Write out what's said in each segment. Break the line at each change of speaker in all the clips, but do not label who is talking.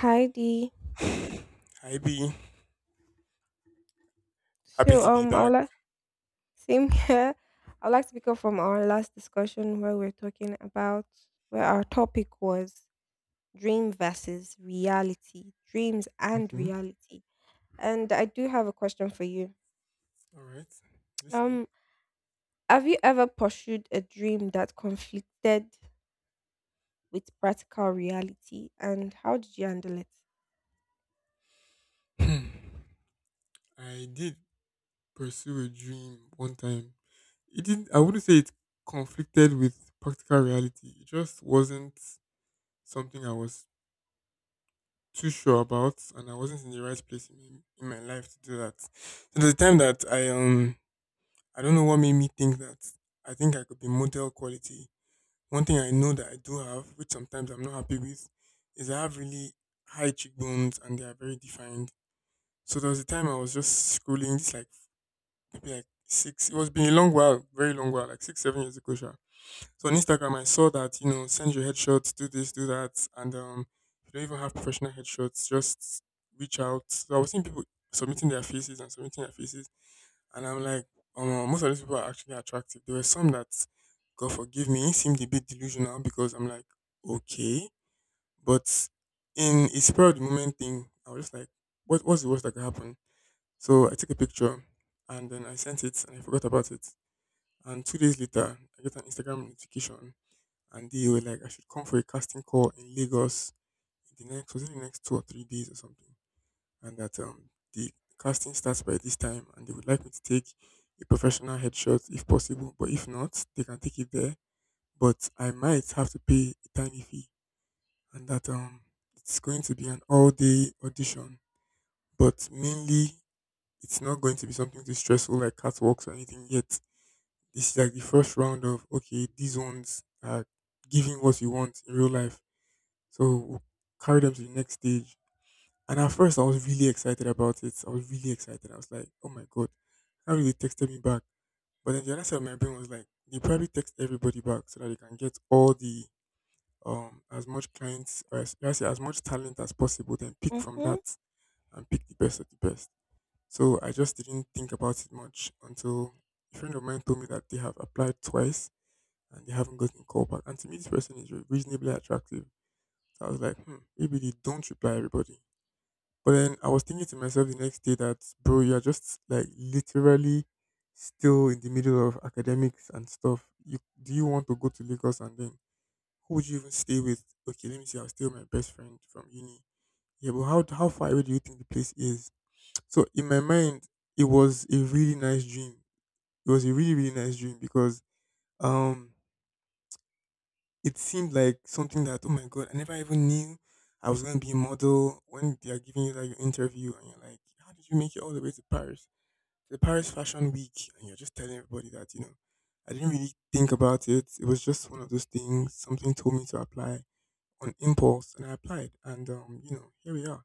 Hi Dee.
Hi B, happy
So,
to be
I
back.
would like same here. I'd like to pick up from our last discussion where we are talking about where our topic was dream versus reality, dreams and
Okay,
reality. And I do have a question for you.
all right, listening.
Um have you ever pursued a dream that conflicted with practical reality, and how did you handle it?
Hmm. I did pursue a dream one time. It didn't. I wouldn't say it conflicted with practical reality. It just wasn't something I was too sure about, and I wasn't in the right place in my life to do that. So the time that I I don't know what made me think that I think I could be model quality. One thing I know that I do have, which sometimes I'm not happy with, is I have really high cheekbones and they are very defined. So there was a time I was just scrolling, this like maybe like six. It was been a long while, very long while, like six, 7 years ago. Sha. So on Instagram, I saw that send your headshots, do this, do that, and if you don't even have professional headshots, just reach out. So I was seeing people submitting their faces and submitting their faces, and I'm like, most of these people are actually attractive. There were some that, God forgive me, seemed a bit delusional because I'm like, okay. But in a spur of the moment thing, I was just like, what's the worst that could happen? So
Mm-hmm.
I took a picture and then I sent it and I forgot about it. And 2 days later, I get an Instagram notification and they were like, I should come for a casting call in Lagos in the next, was it the next 2 or 3 days or something? And that the casting starts by this time and they would like me to take a professional headshot if possible, but if not, they can take it there. But I might have to pay a tiny fee and that it's going to be an all day audition. But mainly it's not going to be something too stressful like catwalks or anything yet. This is like the first round of okay, these ones are giving what you want in real life. So we'll carry them to the next stage. And at first, I was really excited about it. I was really excited. I was like, oh my God, how did they texted me back? But then the other side of my brain was like, they probably text everybody back so that they can get all the, as much clients, or as, let's say, as much talent as possible, then pick from that
Mm.
and pick the best of the best. So I just didn't think about it much until a friend of mine told me that they have applied twice and they haven't gotten called back. And to me, this person is reasonably attractive. So I was like, hmm, maybe they don't reply everybody. But then I was thinking to myself the next day that, bro, you're just like literally still in the middle of academics and stuff. You do you want to go to Lagos and then who would you even stay with? Okay, let me see. I'll stay with my best friend from uni. Yeah, but how far away do you think the place is? So in my mind, it was a really nice dream. It was a really nice dream because um it seemed like something that oh my god I never even knew I was going to be a model when they are giving you like your interview and you're like, how did you make it all the way to Paris? The Paris Fashion Week, and you're just telling everybody that, you know, I didn't really think about it. It was just one of those things. Something told me to apply on impulse, and I applied. And, you know, here we are.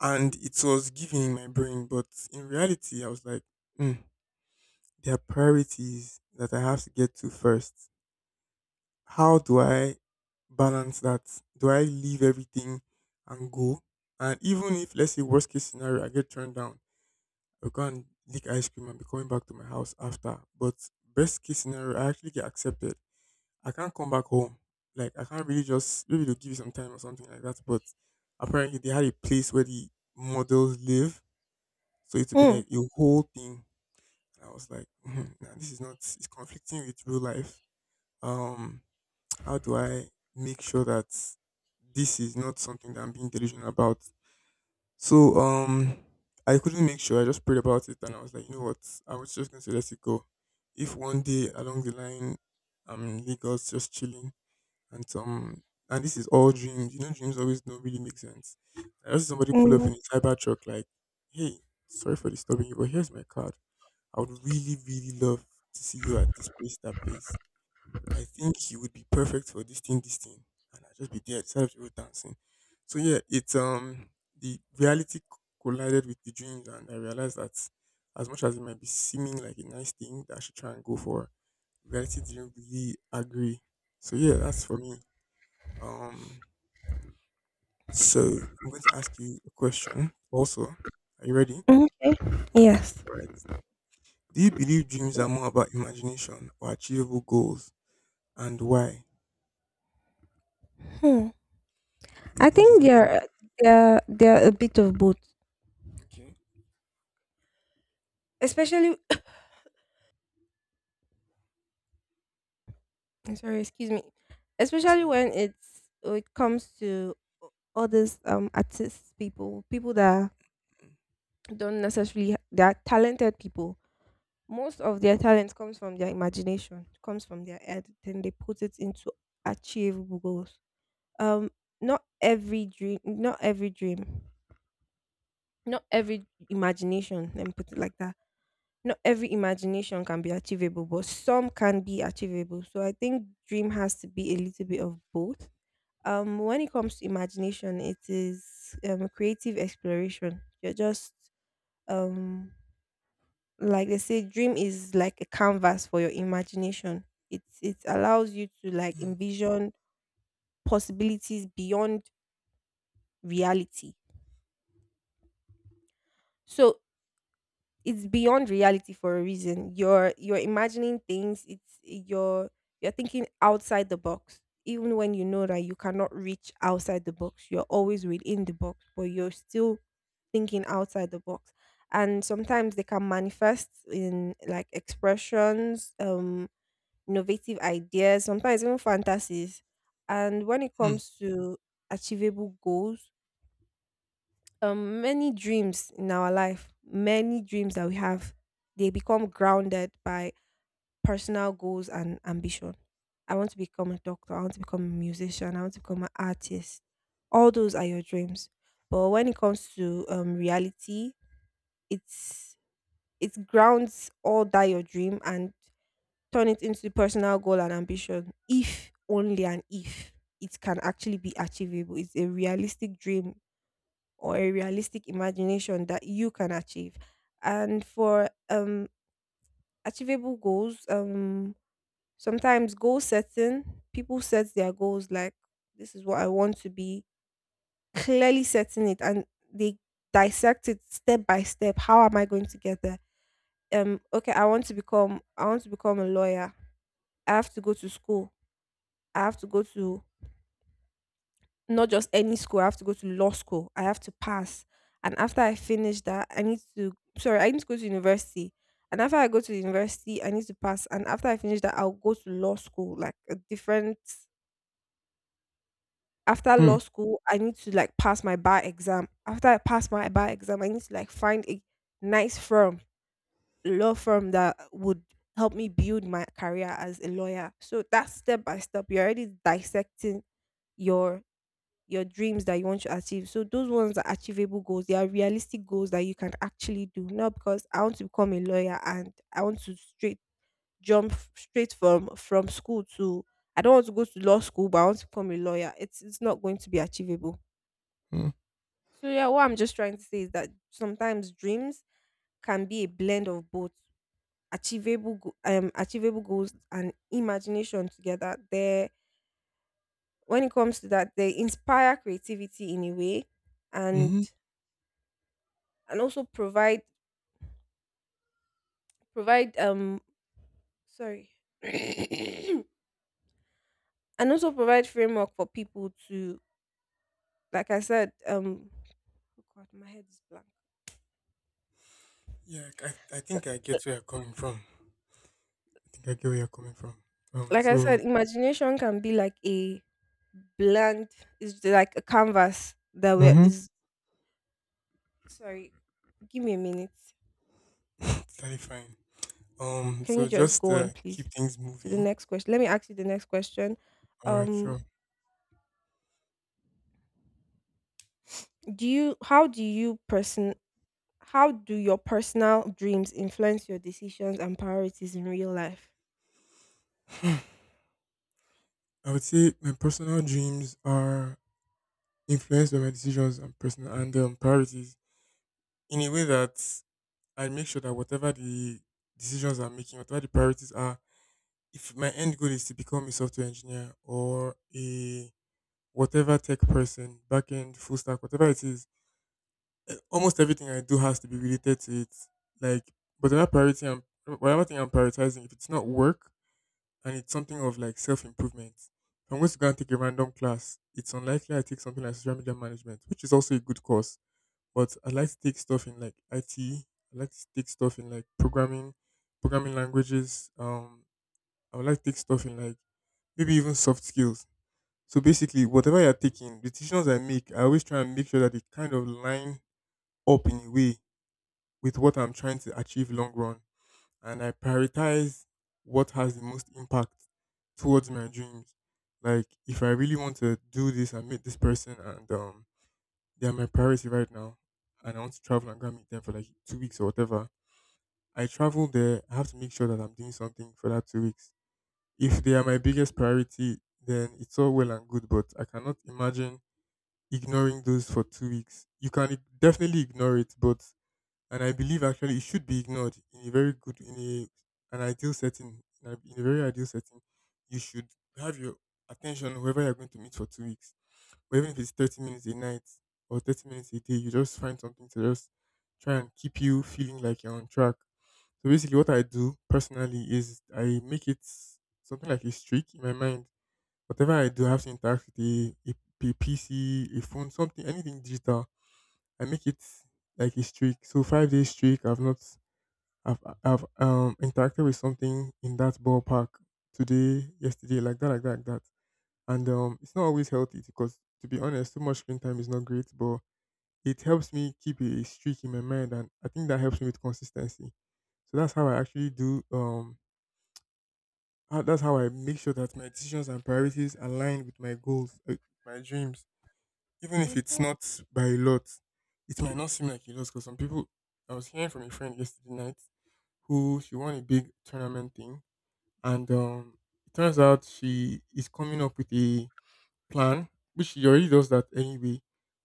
And it was giving in my brain, but in reality, I was like, mm, there are priorities that I have to get to first. How do I balance that? Do I leave everything and go? And even if, let's say, worst case scenario, I get turned down, I'll go and lick ice cream and be coming back to my house after. But best case scenario, I actually get accepted. I can't come back home. Like I can't really, just maybe they'll give you some time or something like that. But apparently they had a place where the models live. So it would be
Mm.
like a whole thing. And I was like, "Mhm, nah, this is not, it's conflicting with real life. Um, how do I make sure that this is not something that I'm being delusional about? So I couldn't make sure. I just prayed about it, and I was like, you know what? I was just going to let it go. If one day along the line, I'm in Lagos just chilling, and some, and this is all dreams. You know, dreams always don't really make sense. I just, somebody pull up
Mm.
in a cyber truck, like, hey, sorry for disturbing you, but here's my card. I would really love to see you at this place, that place. I think you would be perfect for this thing, this thing. And I'll just be there instead of people dancing. So yeah, it's the reality collided with the dreams and I realized that as much as it might be seeming like a nice thing that I should try and go for, reality didn't really agree. So yeah, that's for me. Um so I'm going to ask you a question also. Are you ready? All
Okay. Yes.
right. Do you believe dreams are more about imagination or achievable goals? And why?
Hmm.
Do you
I
think it's
think
more imagination?
they're a bit of both,
Okay,
especially I'm sorry, excuse me,
it's
especially
fine.
when it's it comes to others, artists, people that don't necessarily they are talented people. Most of their talent comes from their imagination, comes from their head, then they put it into achievable goals. Um, not every dream, not every imagination, let me put it like that. Not every imagination can be achievable, but some can be achievable. So I think dream has to be a little bit of both. When it comes to imagination, it is, creative exploration. You're just um like they say dream is like a canvas for your imagination. It allows you to like envision possibilities beyond reality. So it's beyond reality for a reason. You're imagining things. It's you're you're thinking outside the box, even when you know that you cannot reach outside the box. You're always within the box, but you're still thinking outside the box. And sometimes they can manifest in like expressions, innovative ideas, sometimes even fantasies. And when it
Mm.
comes to achievable goals, many dreams in our life, many dreams that we have, they become grounded by personal goals and ambition. I want to become a doctor. I want to become a musician. I want to become an artist. All those are your dreams. But when it comes to, reality, it's it grounds all that your dream and turn it into the personal goal and ambition, if only and if it can actually be achievable. It's a realistic dream or a realistic imagination that you can achieve. And for achievable goals, sometimes goal setting, people set their goals like this is what I want to be, clearly setting it, and they dissect it step by step. How am I going to get there? Okay, I want to become, I want to become a lawyer. I have to go to school. I have to go to Not just any school, I have to go to law school. I have to pass. And after I finish that, I need to sorry, I need to go to university. And after I go to university, I need to pass. And after I finish that, I'll go to law school, like a different after
Hmm.
law school, I need to like pass my bar exam. After I pass my bar exam, I need to like find a nice firm, law firm that would help me build my career as a lawyer. So that's step by step. You're already dissecting your your dreams that you want to achieve. So those ones are achievable goals. They are realistic goals that you can actually do. Not because I want to become a lawyer and I want to straight jump straight from school to I don't want to go to law school, but I want to become a lawyer. It's not going to be achievable.
Hmm.
So yeah, what I'm just trying to say is that sometimes dreams can be a blend of both achievable goals and imagination together. They when it comes to that, they inspire creativity in a way, and
Mm-hmm.
and also provide, sorry and also provide framework for people to like I said, oh God, my head is blank.
Yeah, I think I get where you're coming from. I think I get where you're coming from. Um,
Like I
so
said, imagination can be like a blank, is like a canvas that we
mm-hmm.
is sorry, give me a minute.
Totally fine.
Can you
So
just
just
go on, please,
keep things
to the
moving.
next question? Let me ask you the next question.
All right,
um
sure.
do you how do you person How do your personal dreams influence your decisions and priorities in real life?
I would say my personal dreams are influenced by my decisions and personal and priorities in a way that I make sure that whatever the decisions I'm making, whatever the priorities are, if my end goal is to become a software engineer or a whatever tech person, back end, full stack, whatever it is, eh, almost everything I do has to be related to it. Like, but another priority, I'm, whatever thing I'm prioritizing, if it's not work and it's something of like self improvement, if I'm going to go and take a random class, it's unlikely I take something like social media management, which is also a good course. But I like to take stuff in like IT. I like to take stuff in like programming, programming languages. I would like to take stuff in like maybe even soft skills. So basically, whatever you're taking, the decisions I make, I always try and make sure that they kind of line up in a way with what I'm trying to achieve long run, and I prioritize what has the most impact towards my dreams. Like if I really want to do this and meet this person and they are my priority right now and I want to travel and go and meet them for like 2 weeks or whatever, I travel there, I have to make sure that I'm doing something for that 2 weeks. If they are my biggest priority, then it's all well and good, but I cannot imagine ignoring those for 2 weeks. You can definitely ignore it, but and I believe actually it should be ignored in a very good in a an ideal setting in a very ideal setting. You should have your attention on whoever you're going to meet for 2 weeks, or even if it's 30 minutes a night or 30 minutes a day, you just find something to just try and keep you feeling like you're on track. So basically, what I do personally is I make it something like a streak in my mind. Whatever I do, I have to interact with a PC, a phone, something, anything digital, I make it like a streak. So 5 days streak, I've not, I've interacted with something in that ballpark today, yesterday, like that, like that, like that. And it's not always healthy because, to be honest, too much screen time is not great. But it helps me keep a streak in my mind, and I think that helps me with consistency. So that's how I actually do. That's how I make sure that my decisions and priorities align with my goals, my dreams. Even if it's
Mm-hmm.
not by a lot, it might not seem like a lot because some people. I was hearing from a friend yesterday night who she won a big tournament thing, and it turns out she is coming up with a plan, which she already does that anyway,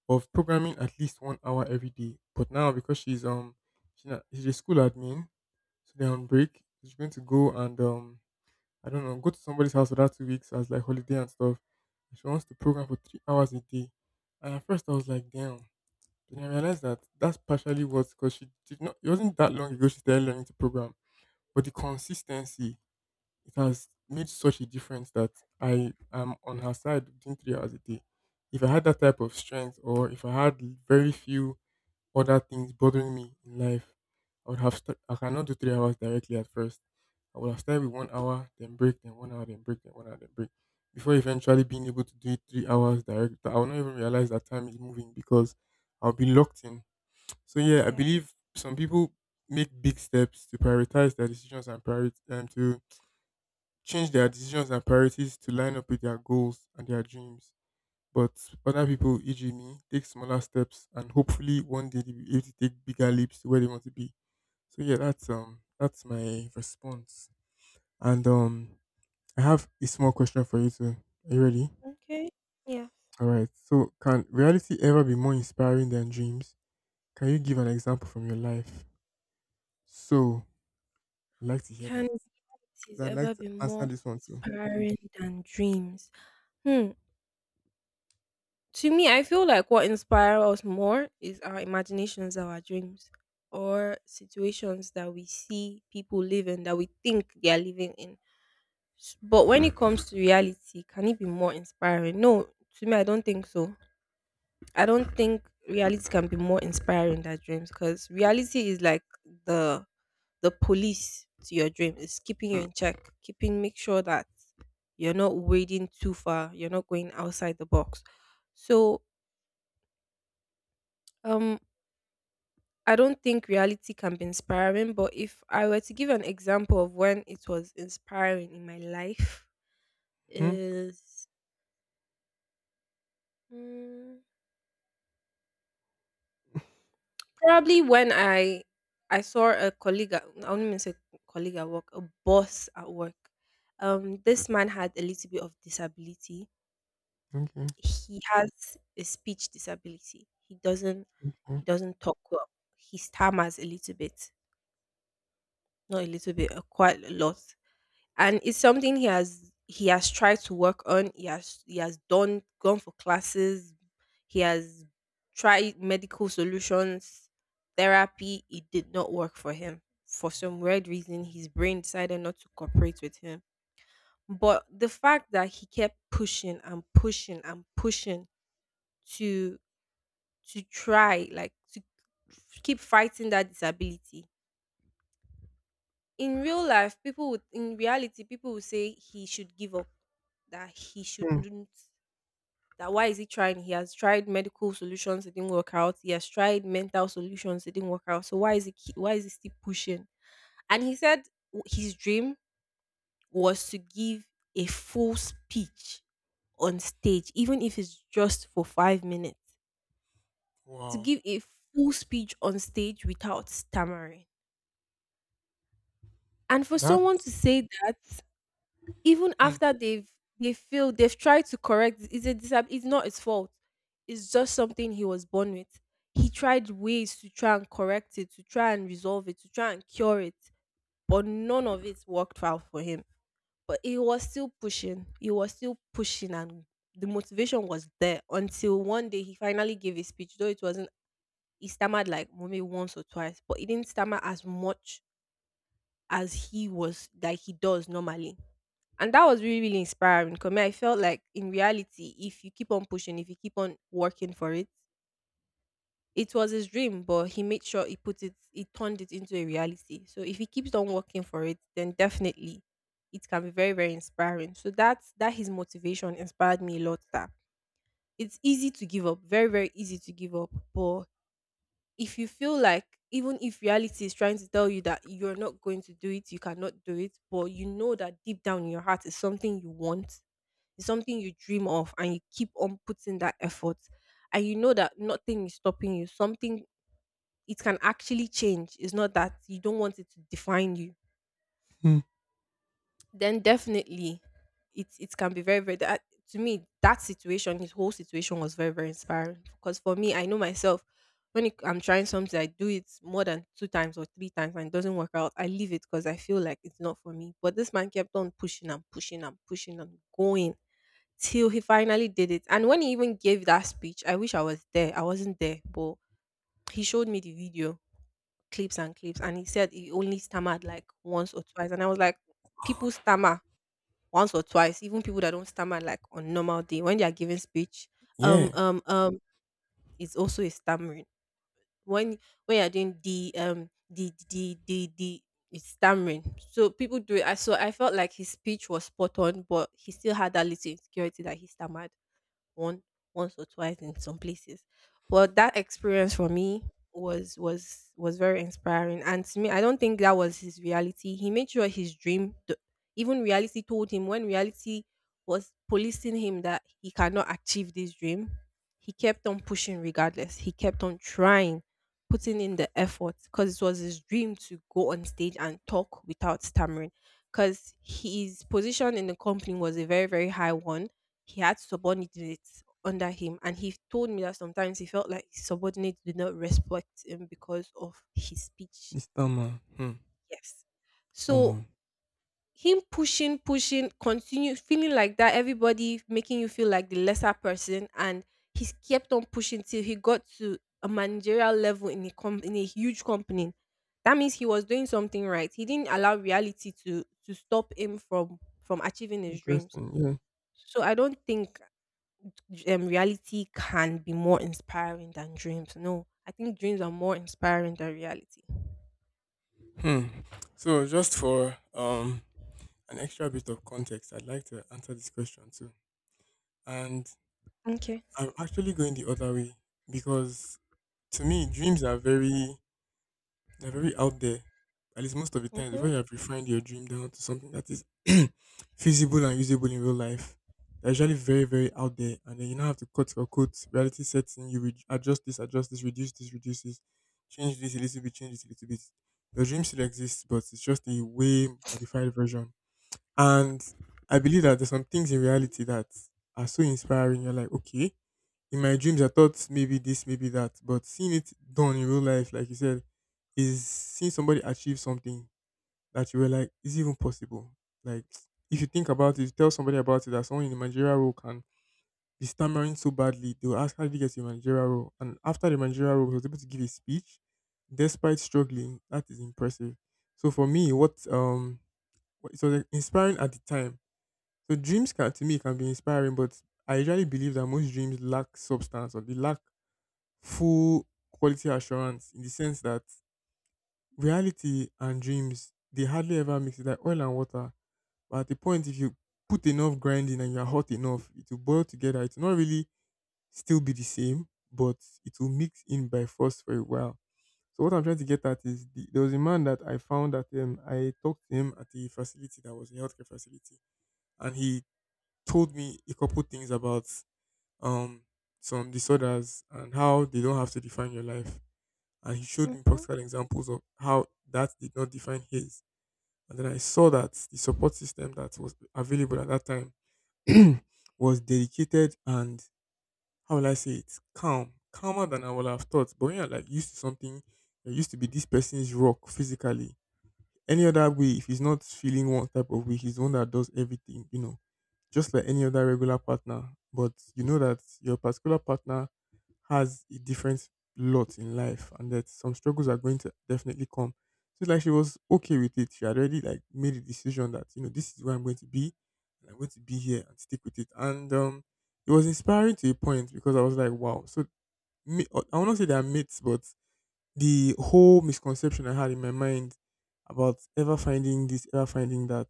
of programming at least 1 hour every day. But now because she's, not, she's a school admin, so they're on break. She's going to go and I don't know, go to somebody's house for that 2 weeks as like holiday and stuff. And she wants to program for 3 hours a day. And at first I was like, damn. Then I realized that that's partially what's because she did not, it wasn't that long ago she started learning to program. But the consistency, it has made such a difference that I am on her side doing 3 hours a day. If I had that type of strength, or if I had very few other things bothering me in life, I would have st- I cannot do 3 hours directly at first. I would have started with 1 hour, then break, then 1 hour, then break, then 1 hour, then break. Before eventually being able to do it 3 hours direct, I will not even realize that time is moving because I'll be locked in. So yeah, I
Yeah.
believe some people make big steps to prioritize their decisions and priority, and to change their decisions and priorities to line up with their goals and their dreams. But other people, e.g., me, take smaller steps and hopefully one day they'll be able to take bigger leaps to where they want to be. So yeah, that's my response. And I have a small question for you too. Are you ready?
Okay. Yes.
Alright. So can reality ever be more inspiring than dreams? Can you give an example from your life? So I'd like to hear that.
Can duties
Because I'd like
ever
to
be
answer
more
this one too.
inspiring than dreams? Hmm. To me, I feel like what inspires us more is our imaginations, our dreams, or situations that we see people live in that we think they are living in. But when it comes to reality, can it be more inspiring? No, to me, I don't think so. I don't think reality can be more inspiring than dreams, because reality is like the the police to your dream. It's keeping you, mm, in check, keeping make sure that you're not wading too far, you're not going outside the box. So um I don't think reality can be inspiring, but if I were to give an example of when it was inspiring in my life
Hmm?
is hmm, probably when I saw a colleague at I wouldn't even say colleague at work, a boss at work. This man had a little bit of disability.
Okay.
He has a speech disability.
Okay.
He doesn't talk well. He stammers a little bit, not a little bit, quite a lot. And it's something he has, tried to work on. He has, done, gone for classes. He has tried medical solutions, therapy. It did not work for him. For some weird reason, his brain decided not to cooperate with him. But the fact that he kept pushing and pushing and pushing to, try, like to keep fighting that disability. In reality people would say he should give up, that he
Hmm.
shouldn't, that why is he trying. He has tried medical solutions, it didn't work out. He has tried mental solutions, it didn't work out. So why is he, why is he still pushing. And he said, his dream was to give a full speech on stage, even if it's just for 5 minutes, to
Wow.
give a full speech on stage without stammering. And for
That
someone to say that, even
hmm.
after they've they feel they've tried to correct, it's a, it's not his fault. It's just something he was born with. He tried ways to try and correct it, to try and resolve it, to try and cure it, but none of it worked out for him. But he was still pushing. He was still pushing, and the motivation was there until one day he finally gave a speech, though it wasn't he stammered like maybe once or twice, but he didn't stammer as much as he was like he does normally. And that was really, really inspiring. Cause me, I felt like in reality, if you keep on pushing, if you keep on working for it, it was his dream, but he made sure he put it, he turned it into a reality. So if he keeps on working for it, then definitely it can be very, very inspiring. So that's that, his motivation inspired me a lot. That it's easy to give up, very, very easy to give up. But if you feel like even if reality is trying to tell you that you're not going to do it, you cannot do it, but you know that deep down in your heart is something you want, it's something you dream of and you keep on putting that effort. And you know that nothing is stopping you. Something it can actually change. It's not that you don't want it to define you.
Hmm.
Then definitely it can be very, very that to me, that situation, his whole situation was very, very inspiring. Because for me, I know myself when it, I'm trying something, I do it more than two times or three times and it doesn't work out. I leave it because I feel like it's not for me. But this man kept on pushing and pushing and pushing and going till he finally did it. And when he even gave that speech, I wish I was there. I wasn't there, but he showed me the video clips and clips, and he said he only stammered like once or twice. And I was like, people stammer once or twice, even people that don't stammer like on normal day when they are giving speech. Um,
Yeah.
um, um, it's also a stammering when, you're doing the, it's stammering. So people do it. I, so I felt like his speech was spot on, but he still had that little insecurity that he stammered, one once or twice in some places. But that experience for me, was very inspiring. And to me, I don't think that was his reality. He made sure his dream, even reality told him when reality was policing him that he cannot achieve this dream. He kept on pushing regardless. He kept on trying, putting in the effort because it was his dream to go on stage and talk without stammering. Because his position in the company was a very, very high one, he had subordinates under him, and he told me that sometimes he felt like his subordinates did not respect him because of his speech.
It's done, man. Hmm.
Yes,
Omo.
so him pushing, pushing, continue feeling like that, everybody making you feel like the lesser person. And he kept on pushing till he got to a managerial level in a in a huge company. That means he was doing something right. He didn't allow reality to stop him from achieving his dreams.
Interesting.
So I don't think reality can be more inspiring than dreams. No, I think dreams are more inspiring than reality.
Yeah. Hmm. So just for an extra bit of context, I'd like to answer this question too. And
Okay.
I'm actually going the other way because to me, dreams are very they're very out there. At least most of the time, before
Mhm.
you have refined your dream down to something that is feasible and usable in real life, they're usually very, very out there. And then you now have to cut reality setting. You adjust this, reduce this, reduce this, change this a little bit, change this a little bit. Your dream still exists, but it's just a way modified version. And I believe that there's some things in reality that are so inspiring. You're like, okay, in my dreams I thought maybe this, maybe that, but seeing it done in real life, like you said, is seeing somebody achieve something that you were like, is it even possible? Like, if you think about it, tell somebody about it that someone in the managerial role can be stammering so badly, they will ask how did you get to the managerial role, and after the managerial role, he was able to give a speech despite struggling. That is impressive. So for me, what it was like, inspiring at the time. So dreams can to me can be inspiring, but I usually believe that most dreams lack substance, or they lack full quality assurance in the sense that reality and dreams they hardly ever mix it like oil and water. But at the point if you put enough grinding and you're hot enough, it will boil together. It will not really still be the same, but it will mix in by force for a while. So what I'm trying to get at is there was a man that I found that I talked to him at the facility that was a healthcare facility, and he told me a couple things about um some disorders and how they don't have to define your life. And he showed me
Mhm.
practical examples of how that did not define his. And then I saw that the support system that was available at that time was dedicated, and how will I say it? Calmer than I would have thought. But when you're like used to something, you used to be this person's rock physically. Any other way, if he's not feeling one type of way, he's the one that does everything, you know, just like any other regular partner. But you know that your particular partner has a different lot in life, and that some struggles are going to definitely come. So it's like she was okay with it. She had already like made a decision that, you know, this is where I'm going to be, and I'm going to be here and stick with it. And it was inspiring to a point because I was like, wow. So me, I will not say they're mates, but the whole misconception I had in my mind about ever finding this, ever finding that,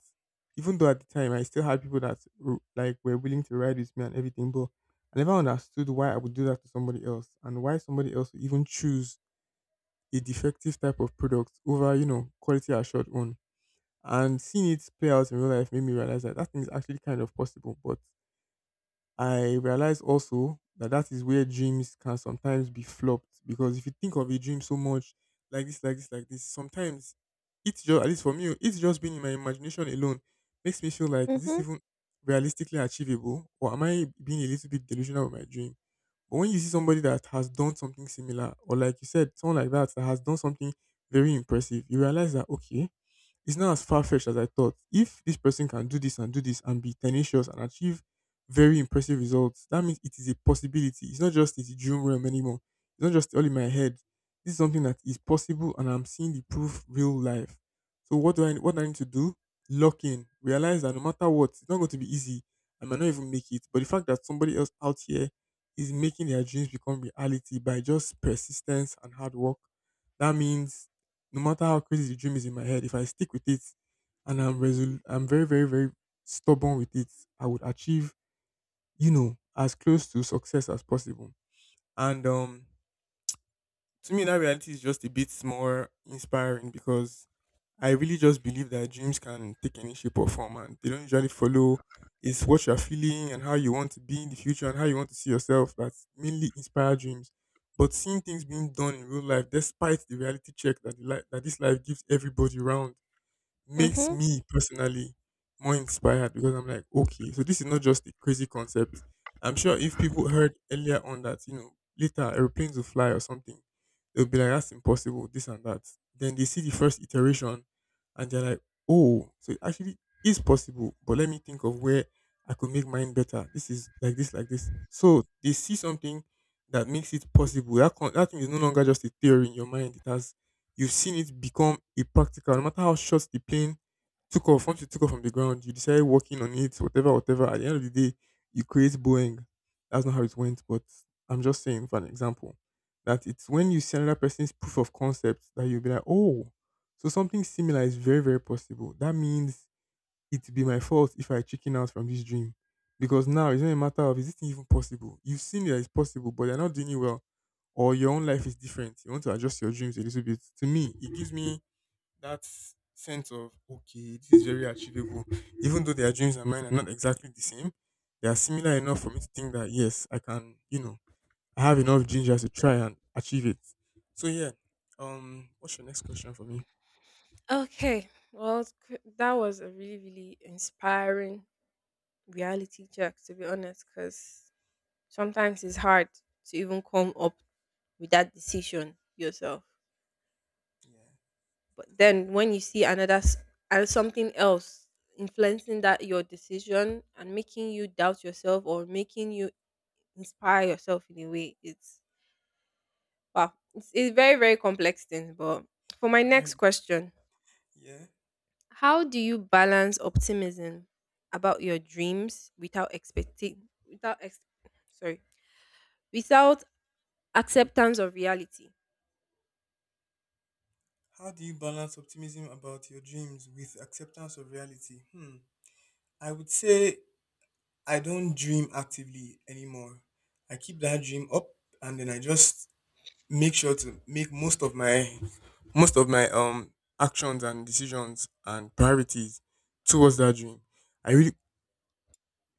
even though at the time I still had people that like were willing to ride with me and everything, but I never understood why I would do that to somebody else, and why somebody else would even choose a defective type of product over, you know, quality assured one. And seeing it play out in real life made me realize that that thing is actually kind of possible, but I realize also that that is where dreams can sometimes be flopped, because if you think of a dream so much, like this, like this, like this, sometimes it's just at least for me, it's just been in my imagination alone makes me feel like is this
Mhm.
even realistically achievable, or am I being a little bit delusional with my dream? But when you see somebody that has done something similar, or like you said, someone like that that has done something very impressive, you realize that okay, it's not as far fetched as I thought. If this person can do this and be tenacious and achieve very impressive results, that means it is a possibility. It's not just it's a dream realm anymore. It's not just all in my head. This is something that is possible, and I'm seeing the proof real life. So what do I need to do? Lock in. Realize that no matter what, it's not going to be easy. I might not even make it. But the fact that somebody else out here is making their dreams become reality by just persistence and hard work, that means no matter how crazy the dream is in my head, if I stick with it and I'm resolute, I'm very, very, very stubborn with it, I would achieve, you know, as close to success as possible. And to me, that reality is just a bit more inspiring because I really just believe that dreams can take any shape or form and they don't usually follow. It's what you're feeling and how you want to be in the future and how you want to see yourself that mainly inspire dreams. But seeing things being done in real life, despite the reality check that that this life gives everybody around makes
Mhm.
me personally more inspired because I'm like, okay, so this is not just a crazy concept. I'm sure if people heard earlier on that, you know, later airplanes will fly or something, they'll be like, that's impossible, this and that. Then they see the first iteration and they're like, oh, so it actually is possible, but let me think of where I could make mine better. This is like this, like this. So they see something that makes it possible. That thing is no longer just a theory in your mind, it has you've seen it become a practical, no matter how short the plane took off, once you took off from the ground, you decided working on it, whatever, whatever. At the end of the day, you create Boeing. That's not how it went, but I'm just saying for an example that it's when you see another person's proof of concept that you'll be like, oh, so something similar is very, very possible. That means it would be my fault if I chicken out from this dream. Because now it's not a matter of is this thing even possible? You've seen that it's possible, but they are not doing it well. Or your own life is different. You want to adjust your dreams a little bit. To me, it gives me that sense of okay, this is very achievable. Even though their dreams and mine are not exactly the same, they are similar enough for me to think that yes, I can, you know, I have enough ginger to try and achieve it. So yeah. What's your next question for me?
Okay. Well, that was a really, really inspiring reality check, to be honest, because sometimes it's hard to even come up with that decision yourself.
Yeah,
But
can be.
then when you see another and something else influencing that your decision and making you doubt yourself or making you inspire yourself in a way. It's wow. It's very, very complex thing. But for my
Very
next question,
yeah.
how do you balance optimism about your dreams without expecting without ex- sorry without acceptance of reality?
How do you balance optimism about your dreams with acceptance of reality? Hmm. I would say I don't dream actively anymore. I keep that dream up and then I just make sure to make most of my actions and decisions and priorities towards that dream. I really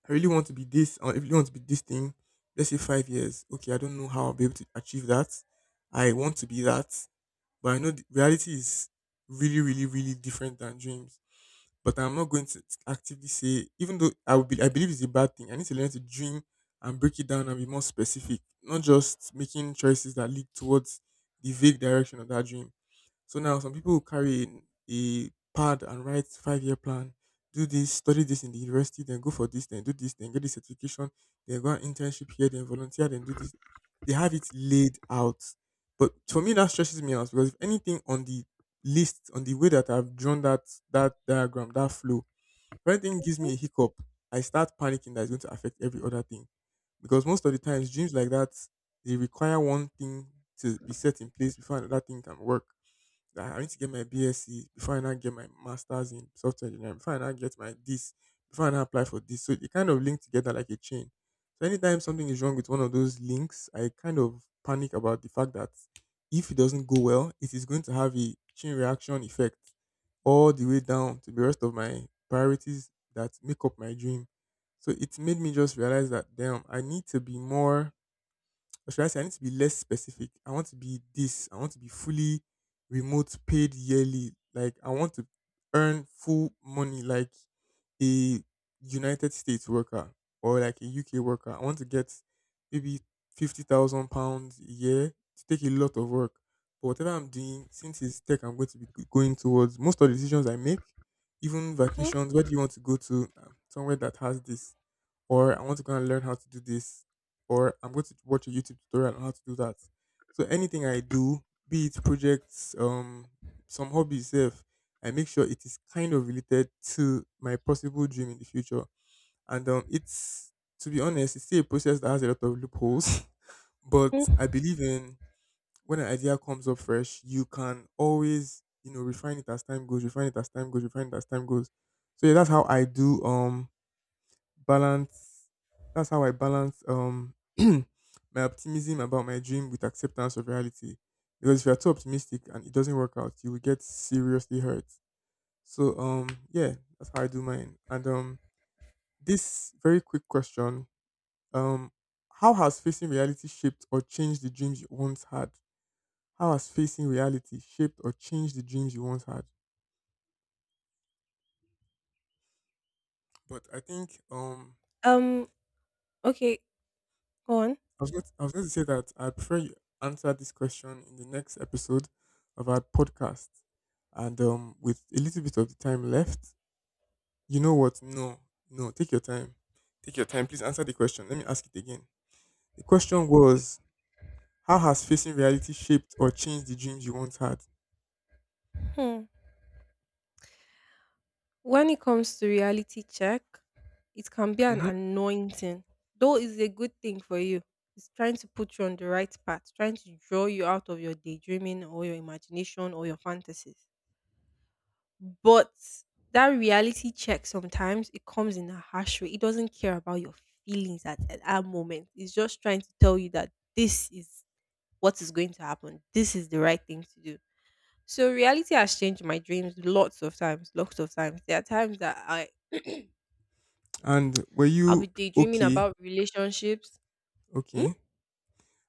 I really want to be this or I really want to be this thing. Let's say 5 years. Okay, I don't know how I'll be able to achieve that. I want to be that. But I know reality is really, really, really different than dreams. But I'm not going to actively say, even though I would be, I believe it's a bad thing. I need to learn to dream and break it down and be more specific, not just making choices that lead towards the vague direction of that dream. So now some people will carry a pad and write 5-year plan, do this, study this in the university, then go for this, then do this, then get the certification, then go on internship here, then volunteer, then do this. They have it laid out. But for me that stresses me out because if anything on the list, on the way that I've drawn that diagram, that flow, if anything gives
Mhm.
me a hiccup, I start panicking that it's going to affect every other thing. Because most of the times dreams like that, they require one thing to be set in place before another thing can work, that I need to get my BSc before I now get my master's in software engineering, before I now get my this, before I now apply for this. So it kind of linked together like a chain. So anytime something is wrong with one of those links, I kind of panic about the fact that if it doesn't go well, it is going to have a chain reaction effect all the way down to the rest of my priorities that make up my dream. So it made me just realize that damn, I need to be more, or should I say I need to be less specific. I want to be this. I want to be fully remote paid yearly. Like I want to earn full money like a United States worker or like a UK worker. I want to get maybe £50,000 a year to take a lot of work. But whatever I'm doing, since it's tech, I'm going to be going towards most of the decisions I make, even
Mhm,
vacations. Where do you want to go to? Somewhere that has this, or I want to go and learn how to do this, or I'm going to watch a YouTube tutorial on how to do that. So anything I do, be it projects, some hobbies, self, I make sure it is kind of related to my possible dream in the future. And it's to be honest, it's still a process that has a lot of loopholes, but I
mhm.
believe in, when an idea comes up fresh, you can always refine it as time goes, refine it as time goes, refine it as time goes. So yeah, that's how I do. Balance that's how I balance my optimism about my dream with acceptance of reality. Because if you're too optimistic and it doesn't work out, you will get seriously hurt. So yeah, that's how I do mine. And this very quick question, um how has facing reality shaped or changed the dreams you once had? How has facing reality shaped or changed the dreams you once had? But I think
Um. Okay. Go on.
I was going to say that I prefer you answer this question in the next episode of our podcast. And with a little bit of the time left, you know what? No, no, take your time. Take your time. Please answer the question. Let me ask it again. The question was: How has facing reality shaped or changed the dreams you once had?
Hmm. When it comes to reality check, it can be an
Hmm.
anointing, though it's a good thing for you. It's trying to put you on the right path, trying to draw you out of your daydreaming or your imagination or your fantasies. But that reality check sometimes it comes in a harsh way. It doesn't care about your feelings at that moment. It's just trying to tell you that this is what is going to happen. This is the right thing to do. So reality has changed my dreams lots of times, lots of times. There are times that I
And were
I'll be
you
daydreaming
okay?
about relationships. Hmm?
Okay.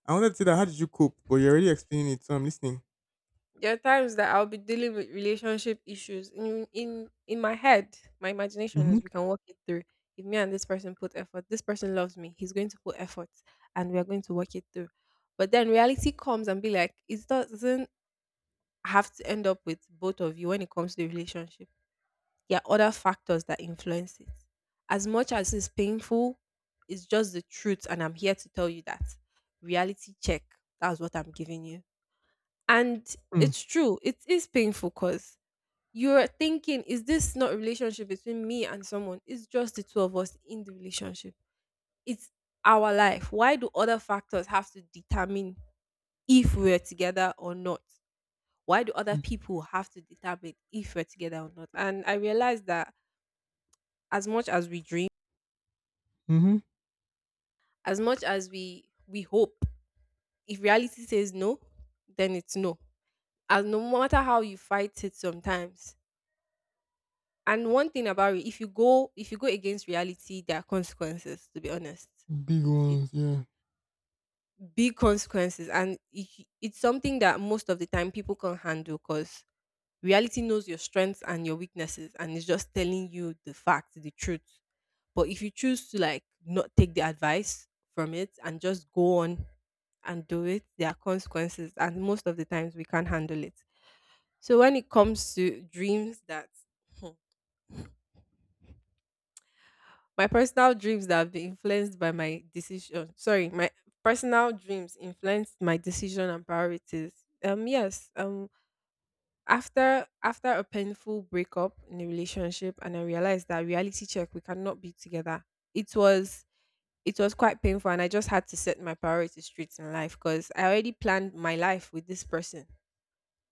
I wanted to say that, how did you cope? But you're already explaining it, so I'm listening.
There are times that I'll be dealing with relationship issues in my head. My imagination
Mm-hmm.
is we can walk it through. If me and this person put effort, this person loves me. He's going to put effort, and we are going to work it through. But then reality comes and be like, it doesn't have to end up with both of you when it comes to the relationship. There are other factors that influence it. As much as it's painful, it's just the truth, and I'm here to tell you that reality check. That's what I'm giving you. And it's true, it is painful because you're thinking, is this not a relationship between me and someone? It's just the two of us in the relationship. It's our life. Why do other factors have to determine if we're together or not? Why do other people have to determine if we're together or not? And I realized that as much as we dream,
Mm-hmm.
as much as we hope, if reality says no, then it's no. As no matter how you fight it sometimes. And one thing about it, if you go against reality, there are consequences. To be honest,
Big
it's
ones,
it's
yeah.
big consequences, and it's something that most of the time people can't handle because reality knows your strengths and your weaknesses, and it's just telling you the fact, the truth. But if you choose to like not take the advice from it and just go on and do it, there are consequences, and most of the times we can't handle it. So when it comes to dreams that my personal dreams that have been influenced by my decision. Sorry, my personal dreams influenced my decision and priorities. Yes. After a painful breakup in a relationship, and I realized that reality check, we cannot be together. It was quite painful, and I just had to set my priorities straight in life because I already planned my life with this person,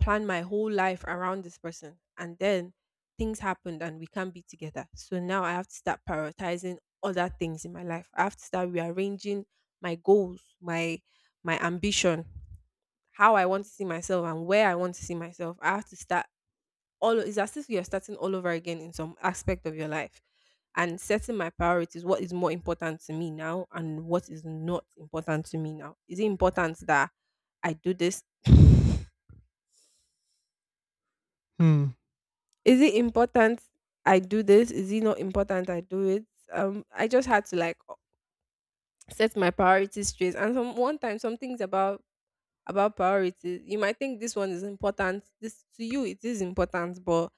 plan my whole life around this person, and then things happened and we can't be together. So now I have to start prioritizing other things in my life. I have to start rearranging my goals, my ambition, how I want to see myself and where I want to see myself. I have to start all, it's as if you're starting all over again in some aspect of your life, and setting my priorities, what is more important to me now and what is not important to me now. Is it important that I do this?
Hmm.
Is it important I do this? Is it not important I do it? I just had to like set my priorities straight. And some one time, some things about priorities. You might think this one is important. This to you, it is important, but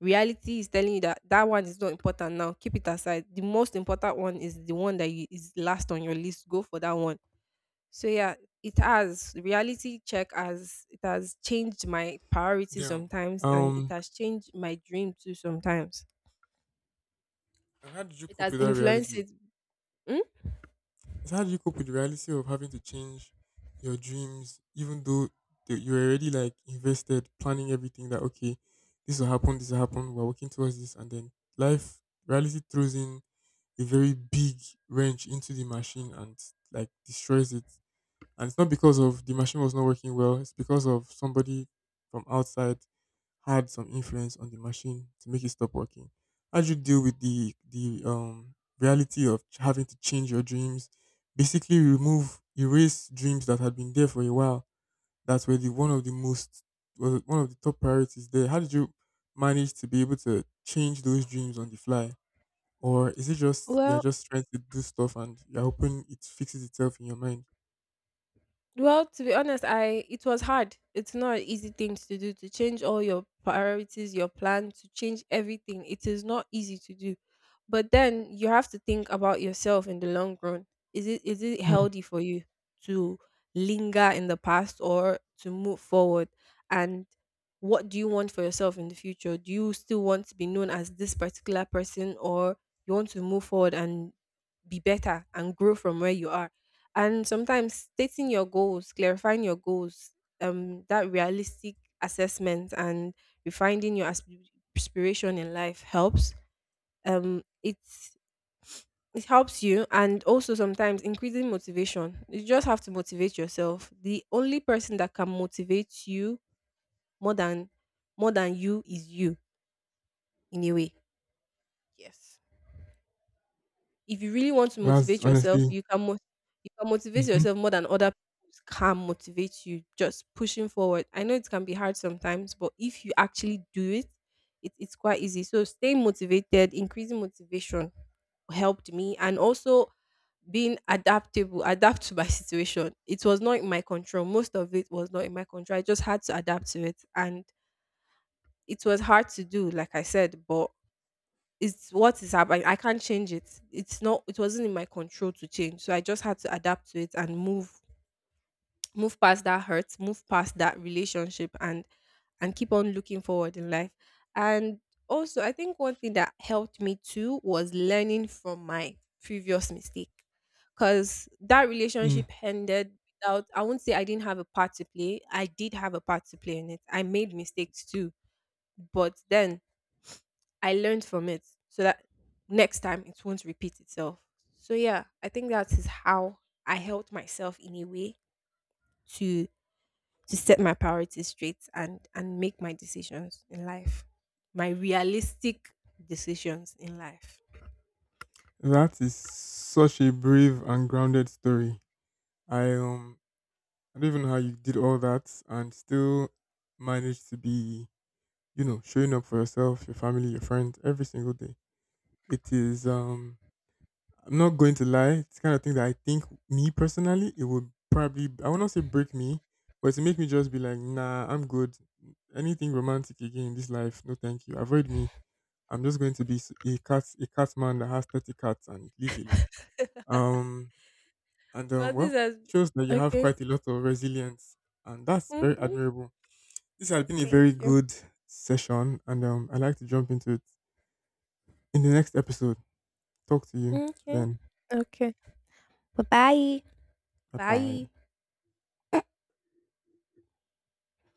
reality is telling you that that one is not important now. Keep it aside. The most important one is the one that you, is last on your list. Go for that one. So yeah, it has, reality check has, it has changed my priorities
Damn.
sometimes and it
Um,
has changed my dream too sometimes.
And how did you
It
cope
has
with that
influenced
reality?
it. Hmm?
So how did you cope with the reality of having to change your dreams, even though you were already like invested, planning everything that okay, this will happen, we're working towards this, and then life, reality throws in a very big wrench into the machine and like destroys it. And it's not because of the machine was not working well, it's because of somebody from outside had some influence on the machine to make it stop working. How do you deal with the reality of having to change your dreams? Basically, remove erase dreams that had been there for a while. That's where, the one of the most, was one of the top priorities there. How did you manage to be able to change those dreams on the fly, or is it just you're
Well,
just trying to do stuff and you're hoping it fixes itself in your mind?
Well, to be honest, I, it was hard. It's not an easy thing to do to change all your priorities, your plan, to change everything. It is not easy to do. But then you have to think about yourself in the long run. Is it healthy for you to linger in the past or to move forward? And what do you want for yourself in the future? Do you still want to be known as this particular person, or you want to move forward and be better and grow from where you are? And sometimes stating your goals, clarifying your goals, that realistic assessment and refining your aspiration in life helps. It's it helps you, and also sometimes increasing motivation. You just have to motivate yourself. The only person that can motivate you more than more than you is you, in a way. Yes. If you really want to
That's
motivate yourself,
honestly,
you can you can motivate
Mhm.
yourself more than other people can motivate you. Just pushing forward. I know it can be hard sometimes, but if you actually do it, it's quite easy. So staying motivated, increasing motivation helped me, and also being adaptable, adapt to my situation. It was not in my control. Most of it was not in my control. I just had to adapt to it, and it was hard to do, like I said, but it's what is happening. I can't change it. It's not, it wasn't in my control to change, so I just had to adapt to it and move past that hurt, move past that relationship, and keep on looking forward in life. And also, I think one thing that helped me too was learning from my previous mistake, because that
Mm.
relationship ended without. I won't say I didn't have a part to play. I did have a part to play in it. I made mistakes too, but then I learned from it so that next time it won't repeat itself. So yeah, I think that is how I helped myself in a way to set my priorities straight and make my decisions in life. My realistic decisions in life.
That is such a brave and grounded story. I um, I don't even know how you did all that and still managed to be, showing up for yourself, your family, your friends every single day. It is I'm not going to lie. It's the kind of thing that I think, me personally, it would probably, I would not say break me, but to make me just be like, nah, I'm good. Anything romantic again in this life, no, thank you. Avoid me. I'm just going to be a cat man that has 30 cats and lives alone. Um, and,
Oh, this
well,
has,
it shows that you have
okay.
quite a lot of resilience, and that's very
Hmm.
admirable. This has been a
Thank
very
you.
good session, and I'd like to jump into it in the next episode. Talk to you
Okay.
then.
Okay. Bye bye.
Bye bye.
Bye.